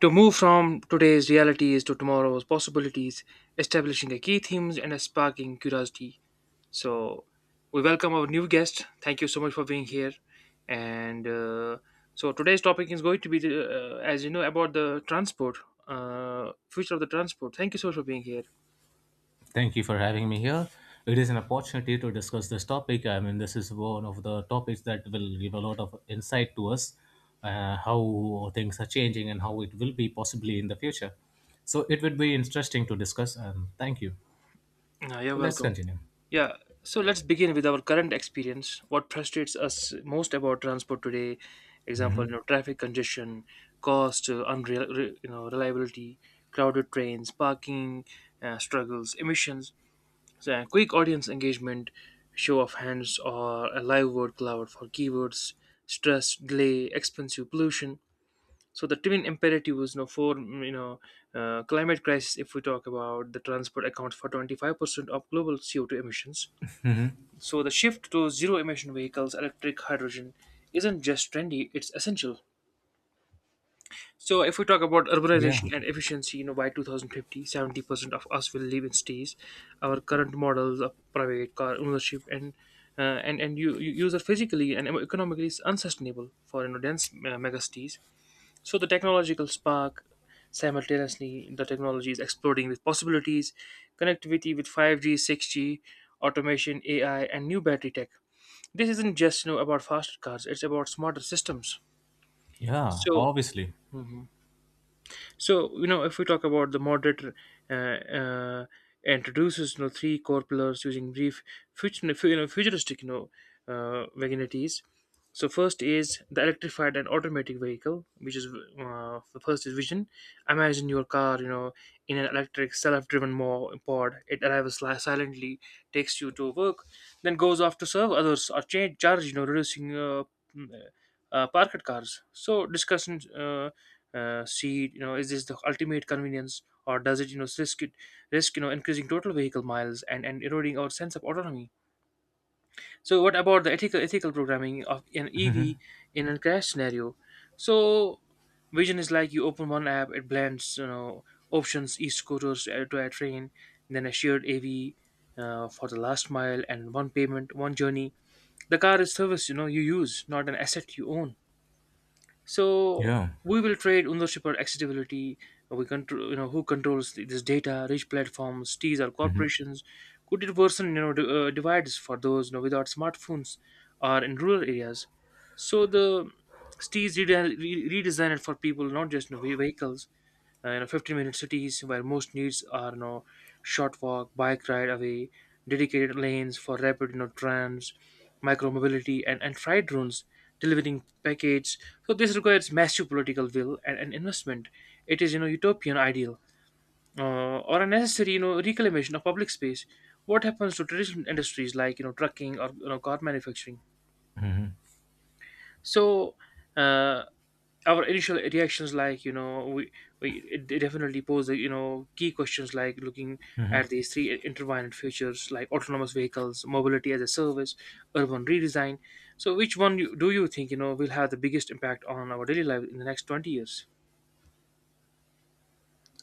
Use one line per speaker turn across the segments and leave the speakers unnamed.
To move from today's realities to tomorrow's possibilities, establishing a key themes and a sparking curiosity. So, we welcome our new guest. Thank you so much for being here. And so, today's topic is going to be as you know, about the transport, future of the transport. Thank you so much for being here.
Thank you for having me here. It is an opportunity to discuss this topic. I mean, this is one of the topics that will give a lot of insight to us, how things are changing and how it will be possibly in the future. So it would be interesting to discuss. And thank you.
You're
So let's
welcome.
continue.
Yeah, so let's begin with our current experience. What frustrates us most about transport today? Example, you know, traffic congestion, cost, unreal, reliability, crowded trains, parking struggles, emissions. So, quick audience engagement, show of hands, or a live word cloud for keywords, stress, delay, expensive pollution. So the twin imperative was no for climate crisis. If we talk about the transport accounts for 25% of global CO2 emissions, so the shift to zero emission vehicles, electric hydrogen, isn't just trendy, it's essential. So if we talk about
Yeah.
urbanization and efficiency, by 2050, 70% of us will live in cities. Our current models of private car ownership and you use are physically and economically unsustainable for dense megacities. So the technological spark, simultaneously the technology is exploding with possibilities, connectivity with 5G, 6G, automation, AI, and new battery tech. This isn't just about faster cars; it's about smarter systems.
Yeah.
So
Obviously.
so if we talk about the moderator, uh, uh, introduces three core pillars using brief future, futuristic vaginities. So first is the electrified and automatic vehicle, which is the first is vision. Imagine your car, in an electric self-driven pod. It arrives silently, takes you to work, then goes off to serve others or change charge, reducing mm, parked cars. So discussion. See, is this the ultimate convenience, or does it risk increasing total vehicle miles and eroding our sense of autonomy? So what about the ethical programming of an EV in a crash scenario? So vision is, like, you open one app, it blends options, e-scooters to a train, then a shared AV for the last mile, and one payment, one journey. The car is service, you use, not an asset you own. So
Yeah.
we will trade ownership or accessibility. We control, who controls this data? Rich platforms, T's or corporations? Could it worsen, divides for those, without smartphones or in rural areas? So the STEs redesigned for people, not just vehicles, 15-minute cities where most needs are short walk bike ride away, dedicated lanes for rapid trams, micro mobility and freight drones delivering package. So this requires massive political will and investment. It is utopian ideal, or a necessary reclamation of public space. What happens to traditional industries like trucking or car manufacturing? So uh, our initial reactions, like, we it definitely pose the key questions, like looking at these three intertwined features, like autonomous vehicles, mobility as a service, urban redesign. So which one do you think will have the biggest impact on our daily life in the next 20 years,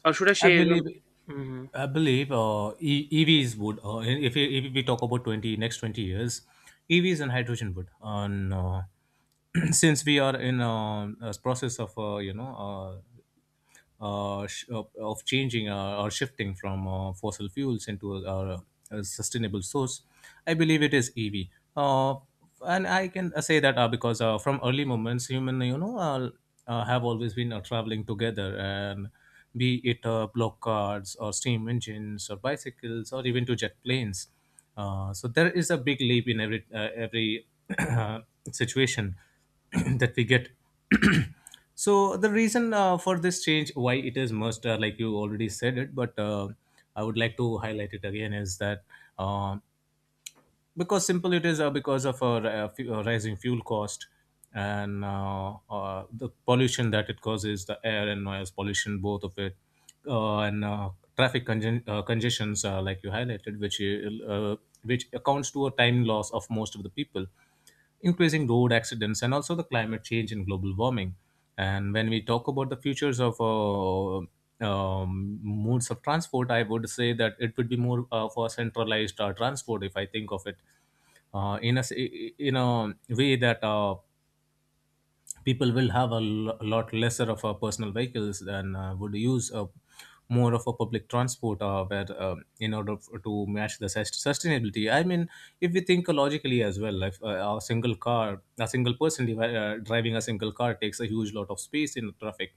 or should I
I
say?
believe,
Mm-hmm.
I believe, uh, E- EVs would. If we talk about twenty next 20 years, EVs and hydrogen would. And Since we are in a process of uh, of changing or shifting from fossil fuels into a sustainable source, I believe it is EV. Uh, and I can say that because from early moments, human have always been traveling together, and be it block cars or steam engines or bicycles or even to jet planes. So there is a big leap in every situation that we get. So the reason for this change, why it is must, like you already said it, but I would like to highlight it again is that uh, because simple it is because of rising fuel cost and the pollution that it causes, the air and noise pollution, both of it, and traffic congestions, like you highlighted, uh, which accounts to a time loss of most of the people, increasing road accidents, and also the climate change and global warming. And when we talk about the futures of modes of transport, I would say that it would be more for centralized transport, if I think of it in a way that people will have a lot lesser of personal vehicles and would use more of a public transport, where in order to match the sustainability. I mean, if we think logically as well, if a single car, a single person driving a single car takes a huge lot of space in traffic,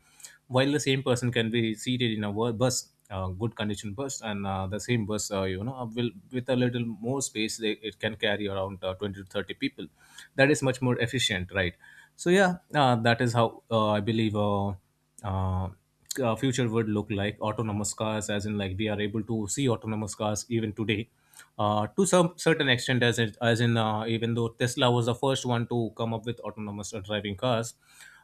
while the same person can be seated in a bus, good condition bus, and the same bus, will, with a little more space, they, it can carry around 20 to 30 people. That is much more efficient, right? So yeah, that is how I believe uh, future would look like. Autonomous cars, as in, like, we are able to see autonomous cars even today to some certain extent, as in, even though Tesla was the first one to come up with autonomous driving cars.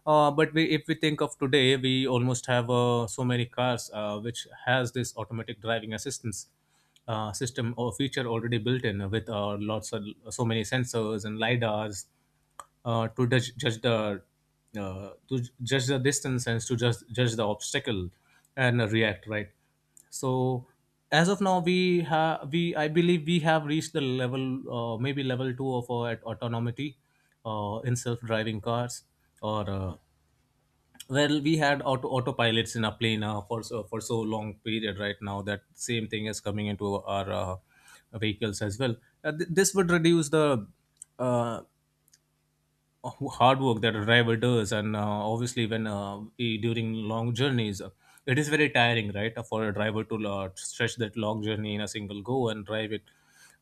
But we, if we think of today, we almost have so many cars which has this automatic driving assistance system or feature already built in, with lots of, so many sensors and lidars, to judge the to judge the distance and to judge the obstacle and react, right? So as of now, we have we I believe we have reached the level, maybe level 2 of our autonomy in self driving cars. Or Well, we had autopilots in our plane for so, long period right now. That same thing is coming into our vehicles as well. This would reduce the uh, hard work that a driver does. And obviously, when during long journeys, it is very tiring, right? For a driver to stretch that long journey in a single go and drive it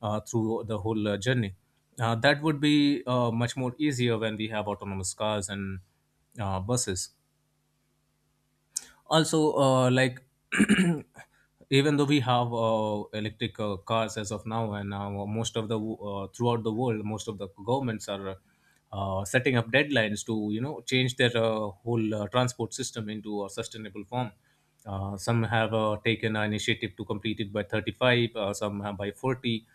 through the whole journey. That would be much more easier when we have autonomous cars and buses also. Uh, like, even though we have electric cars as of now, and now most of the throughout the world, most of the governments are setting up deadlines to, you know, change their whole transport system into a sustainable form. Some have taken an initiative to complete it by 35, some have by 40.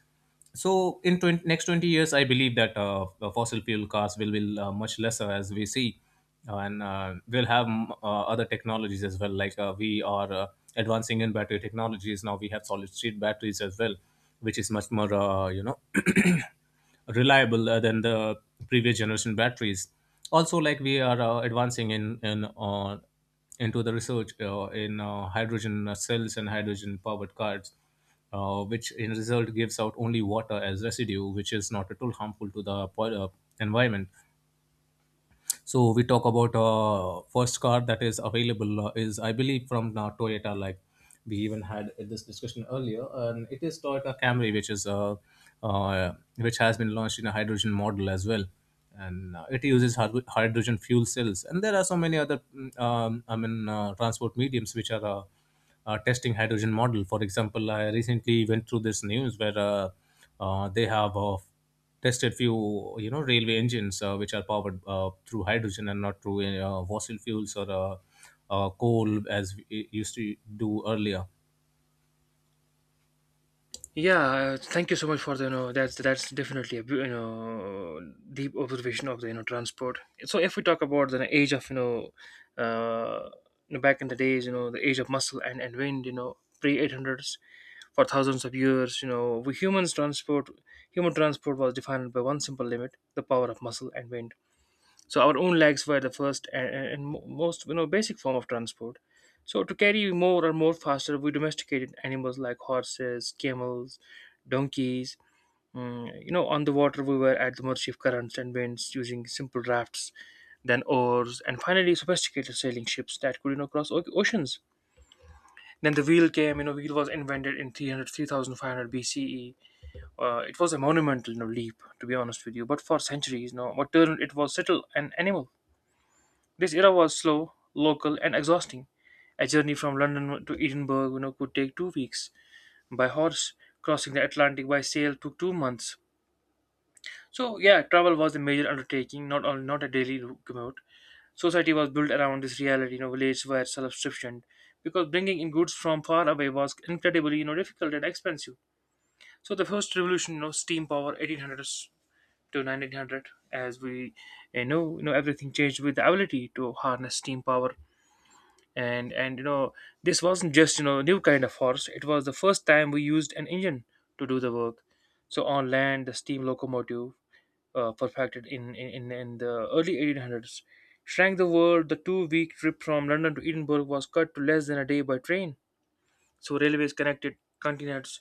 So in 20, next 20 years, I believe that the fossil fuel cars will be much lesser, as we see. And We'll have other technologies as well. Like, we are advancing in battery technologies. Now we have solid state batteries as well, which is much more you know reliable than the previous generation batteries. Also, like, we are advancing in into the research in hydrogen cells and hydrogen powered cars, which in result gives out only water as residue, which is not at all harmful to the environment. So we talk about first car that is available is, I believe, from Toyota. Like, we even had this discussion earlier, and it is Toyota Camry, which is which has been launched in a hydrogen model as well, and it uses hydrogen fuel cells. And there are so many other I mean, transport mediums which are. Testing hydrogen model. For example, I recently went through this news where they have tested few, you know, railway engines which are powered through hydrogen and not through fossil fuels or coal, as we used to do earlier.
Yeah, thank you so much for the you know that's definitely a deep observation of the transport. So if we talk about the age of, uh, back in the days, the age of muscle and wind, pre eight hundreds. For thousands of years, we humans transport human transport was defined by one simple limit, the power of muscle and wind. So our own legs were the first and most basic form of transport. So to carry more faster, we domesticated animals like horses, camels, donkeys. On the water we were at the mercy of currents and winds, using simple rafts, then oars, and finally sophisticated sailing ships that could cross oceans. Then the wheel came. Wheel was invented in 3500 BCE. It was a monumental, leap, to be honest with you. But for centuries, what turned it was settled an animal. This era was slow, local, and exhausting. A journey from London to Edinburgh, could take 2 weeks by horse. Crossing the Atlantic by sail took 2 months. So yeah, travel was a major undertaking, not only not a daily commute. Society was built around this reality. Villages were self-sufficient because bringing in goods from far away was incredibly, difficult and expensive. So the first revolution, steam power, 1800s to 1900, as we you know, everything changed with the ability to harness steam power. And this wasn't just new kind of horse. It was the first time we used an engine to do the work. So on land the steam locomotive, perfected in the early 1800s, shrank the world. The 2-week trip from London to Edinburgh was cut to less than a day by train. So railways connected continents,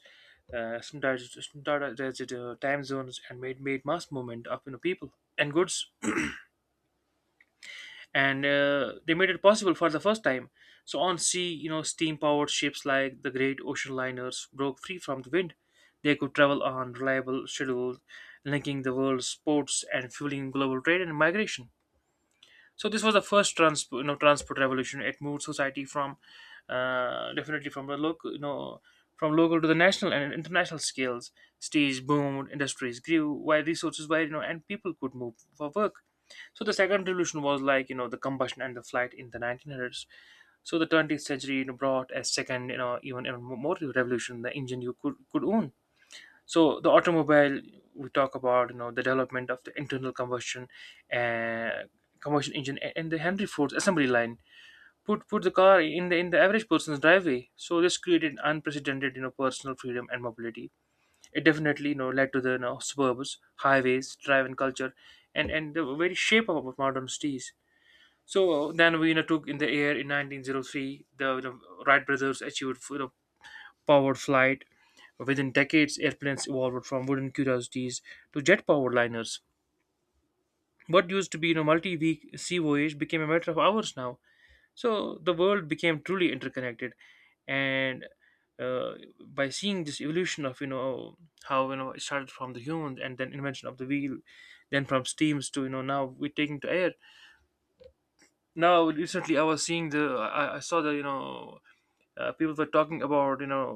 sometimes, time zones, and made mass movement of people and goods, and they made it possible for the first time. So on sea, steam-powered ships like the great ocean liners broke free from the wind. They could travel on reliable schedules, linking the world's ports and fueling global trade and migration. So this was the first transport revolution. It moved society from definitely from the local, from local to the national and international scales. Cities boomed, industries grew, while resources were, and people could move for work. So the second revolution was like, the combustion and the flight in the 1900s. So the 20th century, brought a second, even a more revolution, the engine you could own. So the automobile, we talk about the development of the internal uh, combustion engine, and the Henry Ford's assembly line put the car in the average person's driveway. So this created unprecedented, personal freedom and mobility. It definitely, led to the, suburbs, highways, drive and culture, and the very shape of our modern cities. So then we, took in the air in 1903. The Wright brothers achieved, powered flight. Within decades, airplanes evolved from wooden curiosities to jet-powered liners. What used to be, multi-week sea voyage became a matter of hours now. So the world became truly interconnected, and uh, by seeing this evolution of how it started from the humans and then invention of the wheel, then from steams to, now we're taking to air. Now, recently, I was seeing the I saw the people were talking about,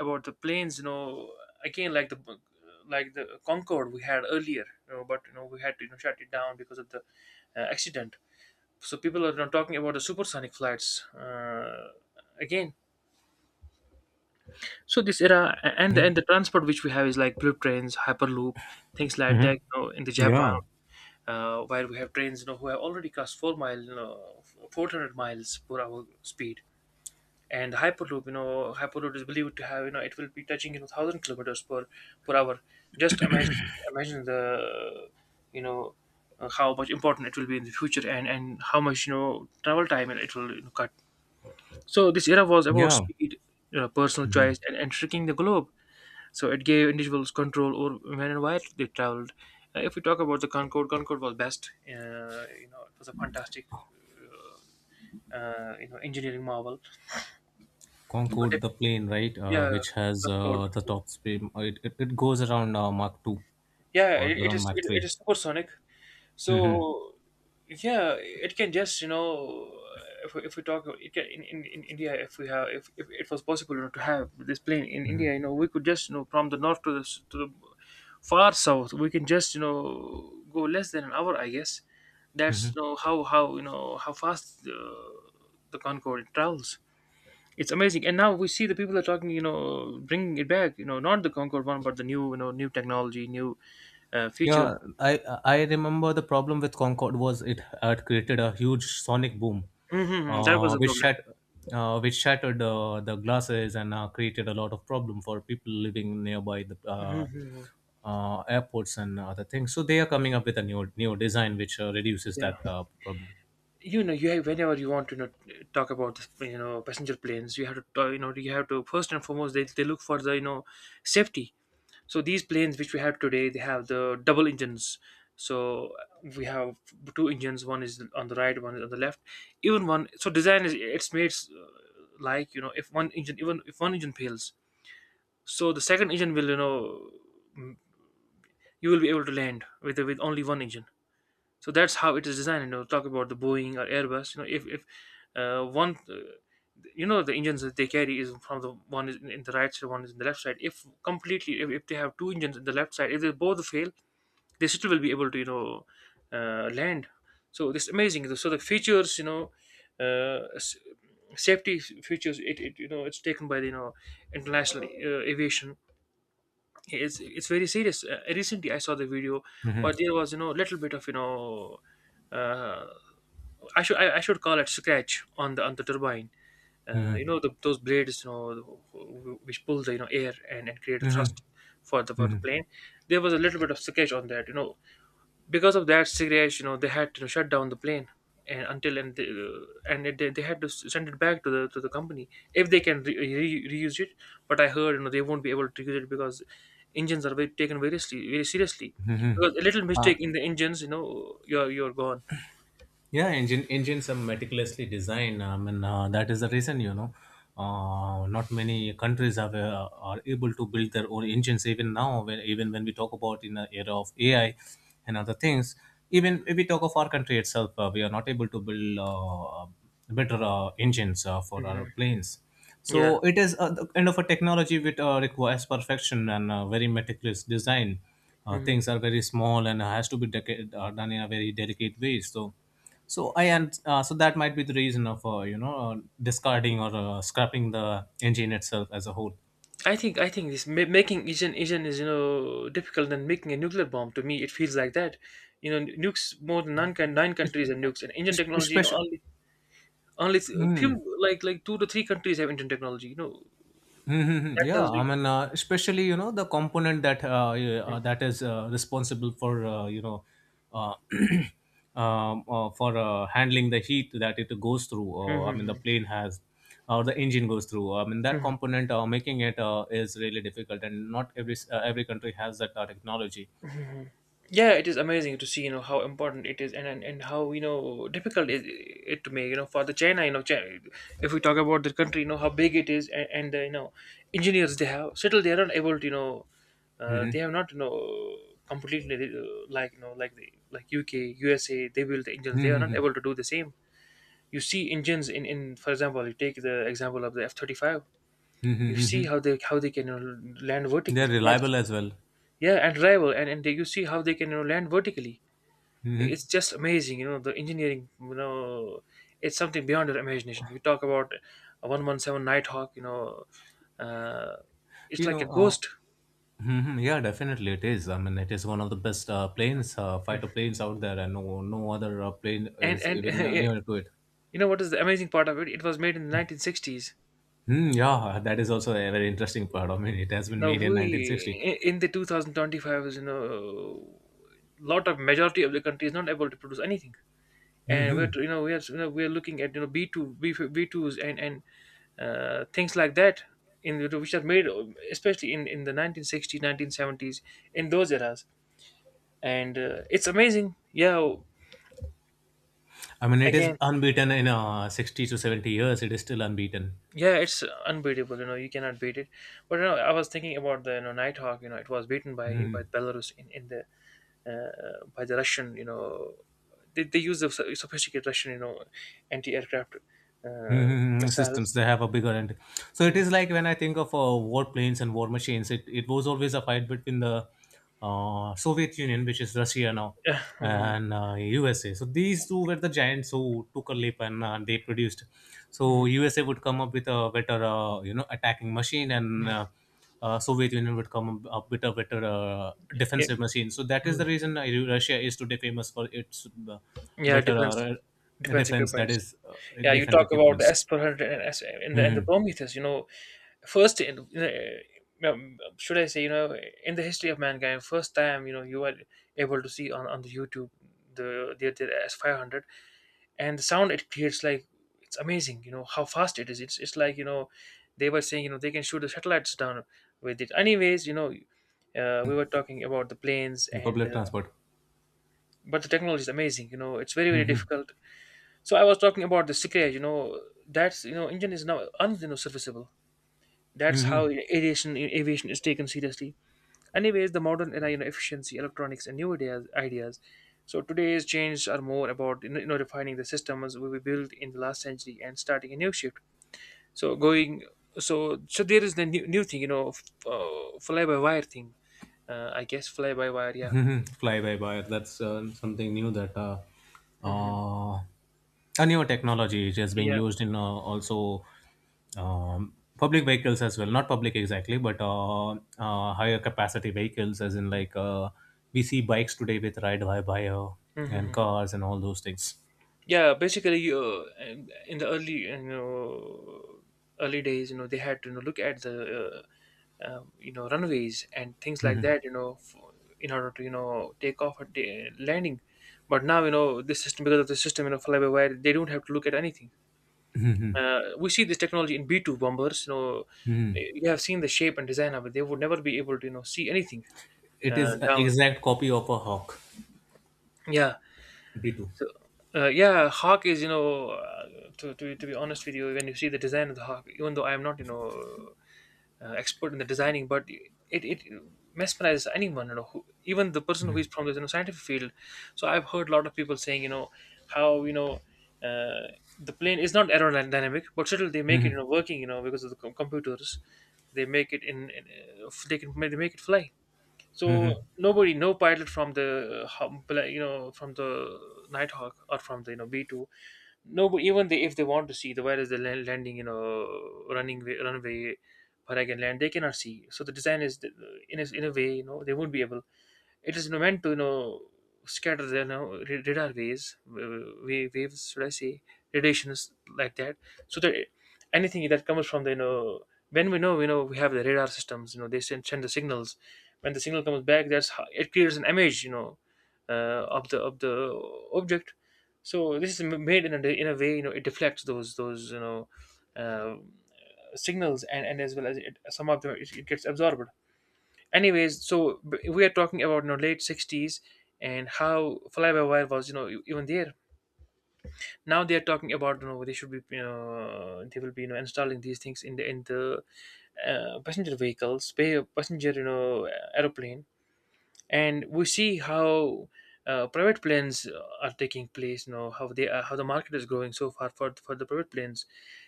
about the planes, again, like the Concorde we had earlier, but, we had to, shut it down because of the accident. So people are, talking about the supersonic flights, again. So this era and the transport which we have is like bullet trains, hyperloop, things like
Hmm.
that. In the Japan,
Yeah.
while we have trains, who have already crossed 400 miles per hour speed. And hyperloop you know hyperloop is believed to have, it will be touching, 1000 kilometers per hour. Just imagine. Imagine the you know uh, how much important it will be in the future, and how much, travel time it will, cut. So this era was about
Yeah.
speed, personal
Hmm.
choice and shrinking the globe. So it gave individuals control over when and where they traveled. If we talk about the Concorde, Concorde was best, it was a fantastic, uh, engineering marvel. But
Concorde, the plane, right?
Yeah,
Which has
good call, good
the
call.
top speed, it goes around mark 2
Yeah,
or
it, it
around
is
mark
it, it
3.
is supersonic.
Mm-hmm.
So yeah, it can just you know if we talk in India, if we have if it was possible, to have this plane in India, we could just, from the north to the far south we can just, go less than an hour, I guess.
Mm-hmm.
That's how how fast the Concorde travels. It's amazing, and now we see the people are talking, bringing it back, not the Concorde one but the new, new technology, new feature.
Yeah, I remember the problem with Concord was it had created a huge sonic boom,
Mm-hmm, that was
uh,
the
which
problem.
shat, which shattered the glasses and created a lot of problem for people living nearby the
Hmm.
airports and other things. So they are coming up with a new design which reduces
Yeah,
that problem.
you have whenever you want to, talk about this, passenger planes you have to talk, you have to first and foremost, they look for the, safety. So these planes which we have today, they have the double engines. So we have two engines. One is on the right, one is on the left. Even one. So design is it's made like, if one engine even if one engine fails, so the second engine will, m- you will be able to land with only one engine. So that's how it is designed. Talk about the Boeing or Airbus, if one, the engines that they carry is from the, one is in the right side, one is in the left side. If completely, if they have two engines in the left side, if they both fail, they still will be able to, land. So this is amazing. So the features, uh, s- safety features, it it's taken by the, international aviation. It's very serious. Recently, I saw the video
Hmm.
where there was, little bit of, uh, I should call it scratch on the turbine.
Hmm.
Those blades, which pull the, air, and create a
Hmm.
thrust for the
Hmm.
plane. There was a little bit of scratch on that. Because of that cigarettes, they had to shut down the plane and until and they, and it, they had to send it back to the company, if they can reuse it. But I heard, they won't be able to use it, because engines are very, taken very, very seriously, because a little
Uh,
mistake in the engines, you're gone.
Yeah, engines are meticulously designed. I mean, that is the reason, you know, not many countries have are able to build their own engines. Even now, when, even when we talk about in the era of AI and other things, even if we talk of our country itself, we are not able to build better engines for our
Hmm.
planes.
Yeah.
So it is a, the kind of a technology which requires perfection and very meticulous design.
Hmm.
Things are very small and has to be done in a very delicate way. So, so I and so that might be the reason of you know discarding or scrapping the engine itself as a whole.
I think making engine is, difficult than making a nuclear bomb. To me it feels like that. Nukes, more than nine
Es-
countries, and nukes and engine technology,
Especially.
all. Only
Hmm.
few, like two to three countries have internet technology.
Mhm.
That
Yeah.
tells
I
me.
mean, especially, you know, the component that yeah,
Mhm.
that is responsible for you know, uh, for handling the heat that it goes through. I mean, the
Mhm.
plane has, or the engine goes through. I mean, that
Mhm.
component, making it is really difficult, and not every every country has that technology.
Yeah, it is amazing to see, how important it is, and and how, difficult it to make, for the China, China, if we talk about the country, how big it is, and the you know engineers they have, still they are not able to,
Hmm.
they have not, completely like, like the, like UK, USA, they build the engines, they are not
Mhm,
able to do the same. You see engines in, for example, you take the example of the F-35,
mhm,
you see
mhm.
how they can, land
They're
vertically. That's,
reliable as well.
yeah, and rival, and they, you see how they can, land vertically.
Mhm.
It's just amazing, the engineering, it's something beyond your imagination. You talk about a 117 Nighthawk, uh, it's
You
like
know,
a
uh,
ghost.
Mhm. Yeah, definitely it is. I mean, it is one of the best planes, fighter
Hmm.
planes out there, and no, no other plane
and
is
and
even near to it.
you know what is the amazing part of it? It was made in the 1960s.
Hmm. Yeah, that is also a very interesting part. I mean, it has been
Now
made in 1960.
we in the 2025, is, lot of majority of the country is not able to produce anything, and
Hmm.
we're we're looking at, B2, B, B2s, and things like that, in the, which are made especially in the 1960s, 1970s, in those eras. And it's amazing. Yeah.
I mean, it is
Again,
unbeaten in 60 to 70 years. It is still unbeaten.
yeah, it's unbeatable, you cannot beat it. But, I was thinking about the, Nighthawk, it was beaten by Belarus in the, by the Russian, they use the sophisticated Russian, anti-aircraft, uh,
Mhm, systems
missiles.
they have a bigger end. So it
Mhm.
is like, when I think of war planes and war machines, it was always a fight between the Soviet Union, which is Russia now,
Yeah. Mhm.
and USA. So these two were the giants who took a leap, and they produced. So USA would come up with a better you know attacking machine, and Soviet Union would come up with a better
Yeah,
defensive machine. So that is the reason Russia is today famous for its
yeah,
better,
defense defense
defense, that
equipments.
is,
Yeah, you
defense
talk about the
equipments.
S-400 and S in the and the
Hmm.
Prometheus. First in, should I say, in the history of mankind, first time, you were able to see on the YouTube, the S-500, and the sound it creates, like, it's amazing. You know how fast it is. It's like, they were saying, they can shoot the satellites down with it. Anyways. We were talking about the planes, and
Public transport.
but the technology is amazing, it's very, very
Hmm.
difficult. So I was talking about the Sikra, that's, engine is now un, serviceable. That's how aviation is taken seriously. Anyways, the modern era, efficiency, electronics, and new ideas. So today's changes are more about, refining the systems we built in the last century, and starting a new shift. So going, so there is the new, new thing, fly by wire thing. I guess fly by wire, yeah.
Mhm. Fly by wire. That's something new that,
Hmm.
uh, a new technology which is being
Yeah.
used in also public vehicles as well. Not public exactly, but higher capacity vehicles, as in, like, we see bikes today with ride by wire and
Mhm.
cars and all those things.
Yeah, basically, in the early, early days, they had to, look at the, runways and things like that, for, in order to, take off at the landing. But now, this system, because of the system, fly by wire, they don't have to look at anything. We see this technology in B2 bombers. You have seen the shape and design of it, they would never be able to, see anything
It is an
down.
exact copy of a Hawk
Yeah.
B2.
So, yeah, Hawk is, to be honest with you, when you see the design of the Hawk, even though I am not, expert in the designing, but it mesmerizes anyone, who, even the person who is from the, scientific field. So I've heard a lot of people saying, how. Uh, the plane is not aerodynamic, but still they make it, working, because of the computers. They make it in they make it fly. So nobody, no pilot from the from the Nighthawk or from the, B two. Nobody, even they, if they want to see, the where is the landing, runway, where I can land, they cannot see. So the design is in a way, they won't be able, it is, meant to, scatter the, radar waves, should I say, radiations, like that, so that anything that comes from the, when we know, we have the radar systems, they send the signals. When the signal comes back, that's how it creates an image, of the object. So this is made in a way, it deflects those, uh, signals, and as well as it, some of them it gets absorbed. Anyways, so we are talking about, late 60s, and how fly by wire was, even there. Now they are talking about, they should be, they will be, installing these things in the passenger vehicles, passenger, aeroplane. And we see how private planes are taking place, how they are, how the market is growing so far for the private planes,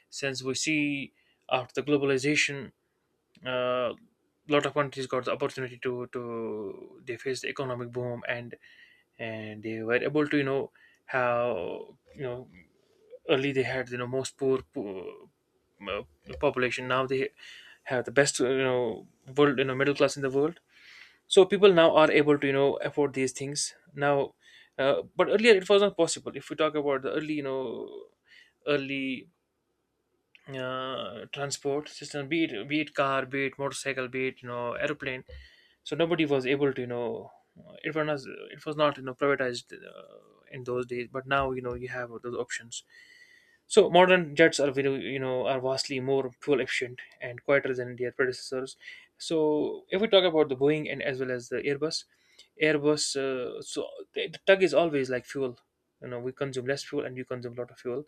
since we see after the globalization, uh, lot of countries got the opportunity to, they faced the economic boom, and they were able to, how, early they had, most poor, poor, uh, population, now they have the best, world, middle class in the world. So people now are able to, afford these things now. But earlier it was not possible if we talk about the early, early transport system, be it car, be it motorcycle, be it airplane. So nobody was able to it was not privatized in those days. But now you know you have those options. So modern jets are very, are vastly more fuel efficient and quieter than their predecessors. So if we talk about the Boeing and as well as the Airbus, Airbus so the tug is always like fuel. You know we consume less fuel and you consume a lot of fuel.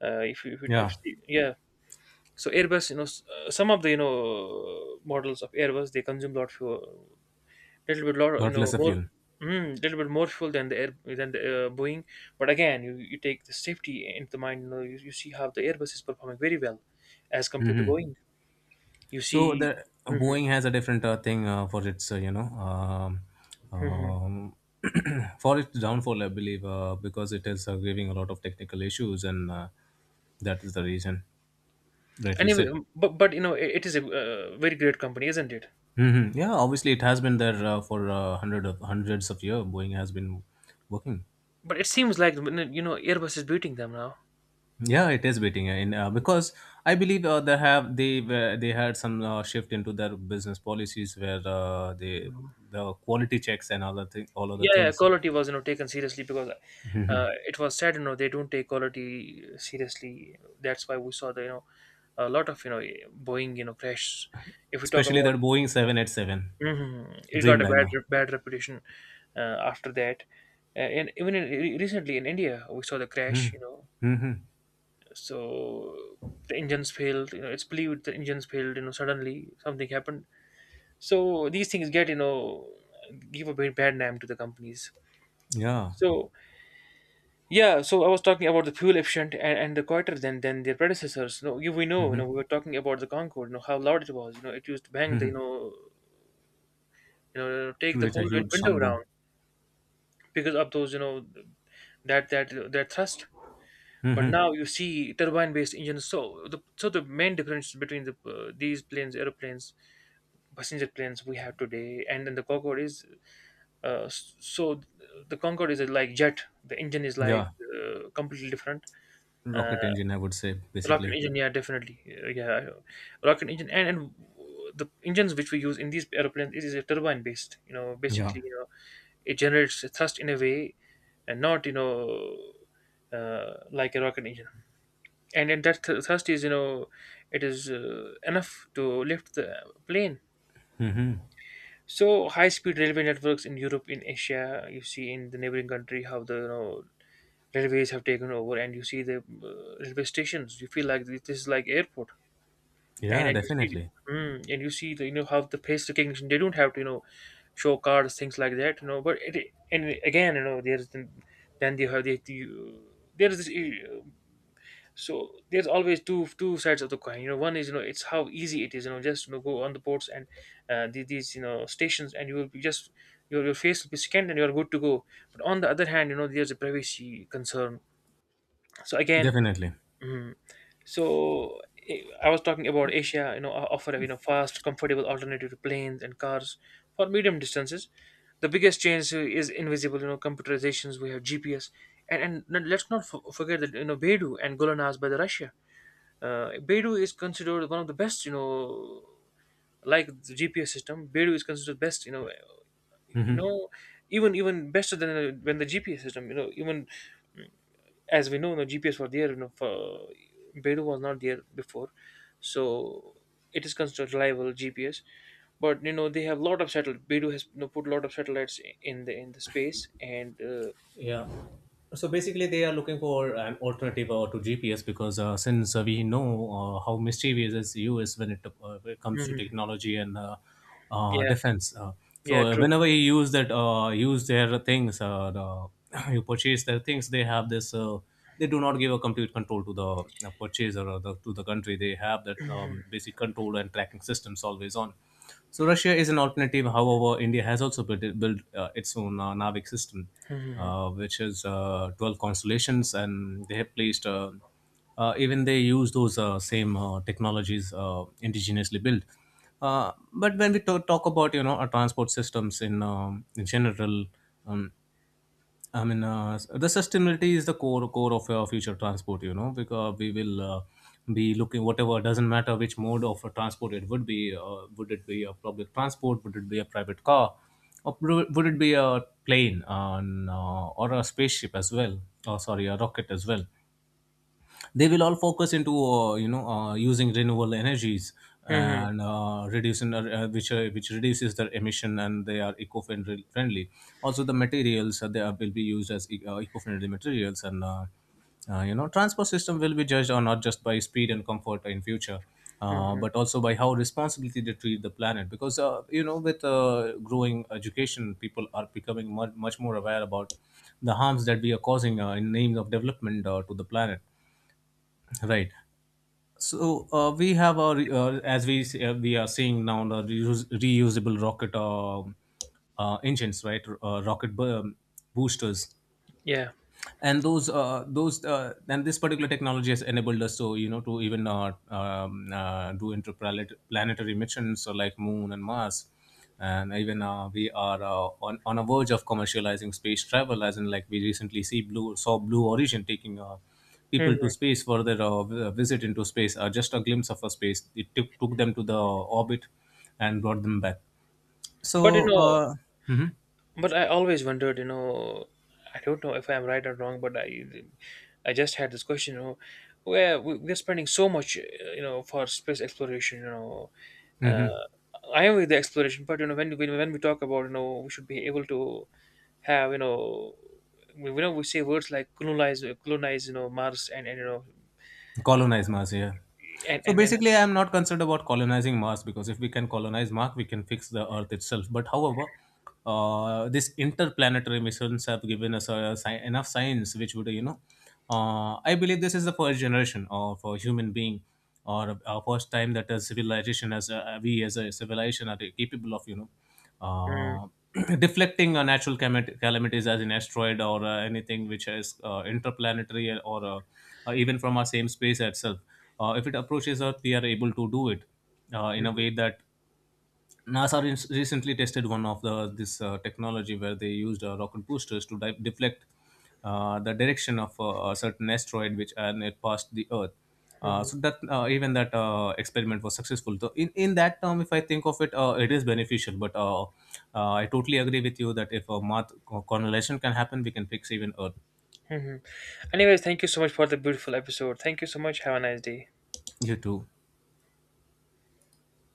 If you if, you-
Yeah,
if yeah, so Airbus, you know, some of the models of Airbus they consume a lot fuel, little bit lot
got lesser
more,
fuel.
little bit more fuel than the air than the Boeing. But again, you take the safety into the mind. You know, you see how the Airbus is performing very well, as compared to
Hmm.
Boeing. You
So
see.
the
Hmm.
Boeing has a different thing for its
Hmm.
um, for its downfall, I believe, because it is giving a lot of technical issues, and that is the reason. Rightly
Anyway,
said.
but you know it is a very great company, isn't it?
Hmm. Yeah, obviously it has been there for hundreds of years. Boeing has been working.
But it seems like you know Airbus is beating them now.
Yeah, it is beating in because I believe they have they were they had some shift into their business policies where the quality checks and other thing all other
Yeah, yeah,
things,
quality was you know taken seriously, because it was sad you know they don't take quality seriously. That's why we saw the a lot of boeing crash if we talk
especially that
about.
Boeing 787
Mhm. It got a
Dreamliner.
bad reputation after that. And even recently in india we saw the crash, you know.
Hmm.
So the engines failed, you know, it's believed the engines failed, you know, suddenly something happened. So these things get you know give a bit bad name to the companies.
Yeah.
So yeah, so I was talking about the fuel efficient and the quieter than their predecessors. No, we know, you know,
Hmm.
we were talking about the Concorde, you know, how loud it was. You know, it used to bang the, you know, take the
Create a huge sound
window
boom.
down because of those, you know, that thrust. But now you see turbine-based engines. So the main difference between the these planes, aeroplanes, passenger planes we have today, and then the Concorde is, so the Concorde is like jet. The engine is like
Yeah,
completely different. Uh,
rocket engine, I would say,
Rocket
basically.
engine, yeah, definitely. Yeah, rocket engine, and the engines which we use in these aeroplanes is a turbine based you know
Yeah,
basically you know it generates a thrust in a way, and not like a rocket engine, and thrust is you know it is enough to lift the plane. So high speed railway networks in europe, in asia, you see in the neighboring country how the you know railways have taken over, and you see the railway stations, you feel like this is like airport. and
yeah,
and you see,
definitely,
and you see the you know how the face recognition, they don't have to you know show cards, things like that, you know. But it and again you know there's the- then they have the there's this so there's always two sides of the coin, you know. One is you know it's how easy it is, you know, just you know go on the ports, and these you know stations, and you will be just your face will be scanned and you're good to go. But on the other hand you know there's a privacy concern. So again.
definitely.
mm, so eh, I was talking about Asia, you know, offer a you know fast, comfortable alternative to planes and cars for medium distances. The biggest change is invisible, you know, computerizations. We have GPS, and let's not forget that you know Beidou and Golanaz by the Russia. Beidou is considered one of the best, you know, like the GPS system. Beidou is considered best, you
Hmm.
know, even even better than when the GPS system, you know, even. mm, as we know, no GPS were there. You know, for, Beidou was not there before, so it is considered reliable GPS. But you know, they have a lot of satellites. Beidou has you know put a lot of satellites in the space, and
Yeah. So basically, they are looking for an alternative to GPS because since we know how mischievous is US when it comes to
Mhm.
technology and
Yeah,
defense, so
yeah, true.
whenever you use their things, you purchase their things, they have this. They do not give a complete control to the purchaser to the country. They have that
Mhm.
basic control and tracking systems always on. So Russia is an alternative. However, India has also built its own Navig system,
Mhm,
which is 12 constellations, and they have placed even they use those same technologies indigenously built, but when we talk about, you know, our transport systems in general. um, I mean, the sustainability is the core of future transport. You know, because we will be looking, whatever, doesn't matter which mode of transport it would be. Would it be a public transport? Would it be a private car? Or would it be a plane and, or a spaceship as well? Or, sorry, a rocket as well. They will all focus into, using renewable energies,
mhm,
and reducing which reduces their emission, and they are eco-friendly friendly. Also the materials will be used as eco-friendly materials, and you know, transport system will be judged on not just by speed and comfort in future,
mhm.
but also by how responsibly they treat the planet, because you know, with growing education, people are becoming much, much more aware about the harms that we are causing, in names of development, to the planet. Right. So we have our we are seeing now the reusable rocket engines, right? Boosters.
Yeah.
And those uh, those uh, and this particular technology has enabled us, to you know, to even do interplanetary missions, so like moon and mars. And even we are on a verge of commercializing space travel, as in like we recently see blue saw blue origin taking people to
Mhm.
space for their visit into space, just a glimpse of a space. It took them to the orbit and brought them back.
But you
So
know,
mhm.
but I always wondered, you know, I don't know if I'm right or wrong, but I just had this question, you know, where we're spending so much, you know, for space exploration, you know. uh,
Mhm.
I am with the exploration, but you know when we talk about you know we should be able to have you know we say words like colonize you know Mars and you know
Colonize Mars, yeah.
and
So
and you know.
basically, I am not concerned about colonizing Mars, because if we can colonize Mars, we can fix the Earth itself. But however, these interplanetary missions have given us enough science which would, you know, I believe this is the first generation of a human being, or a first time that a civilization, as we as a civilization, are capable of, you know,
Mm,
uh, deflecting natural calamities as an asteroid, or anything which is interplanetary, or even from our same space itself. If it approaches Earth, we are able to do it in a
mm,
way that NASA recently tested one of the this technology where they used rocket boosters to deflect the direction of a certain asteroid, which, and it passed the Earth.
mm,
So that even that experiment was successful. So in that term, if I think of it, it is beneficial. But I totally agree with you that if a Mars colonization can happen, we can fix even Earth.
mm. Anyways, thank you so much for the beautiful episode. Thank you so much. Have a nice day.
You too.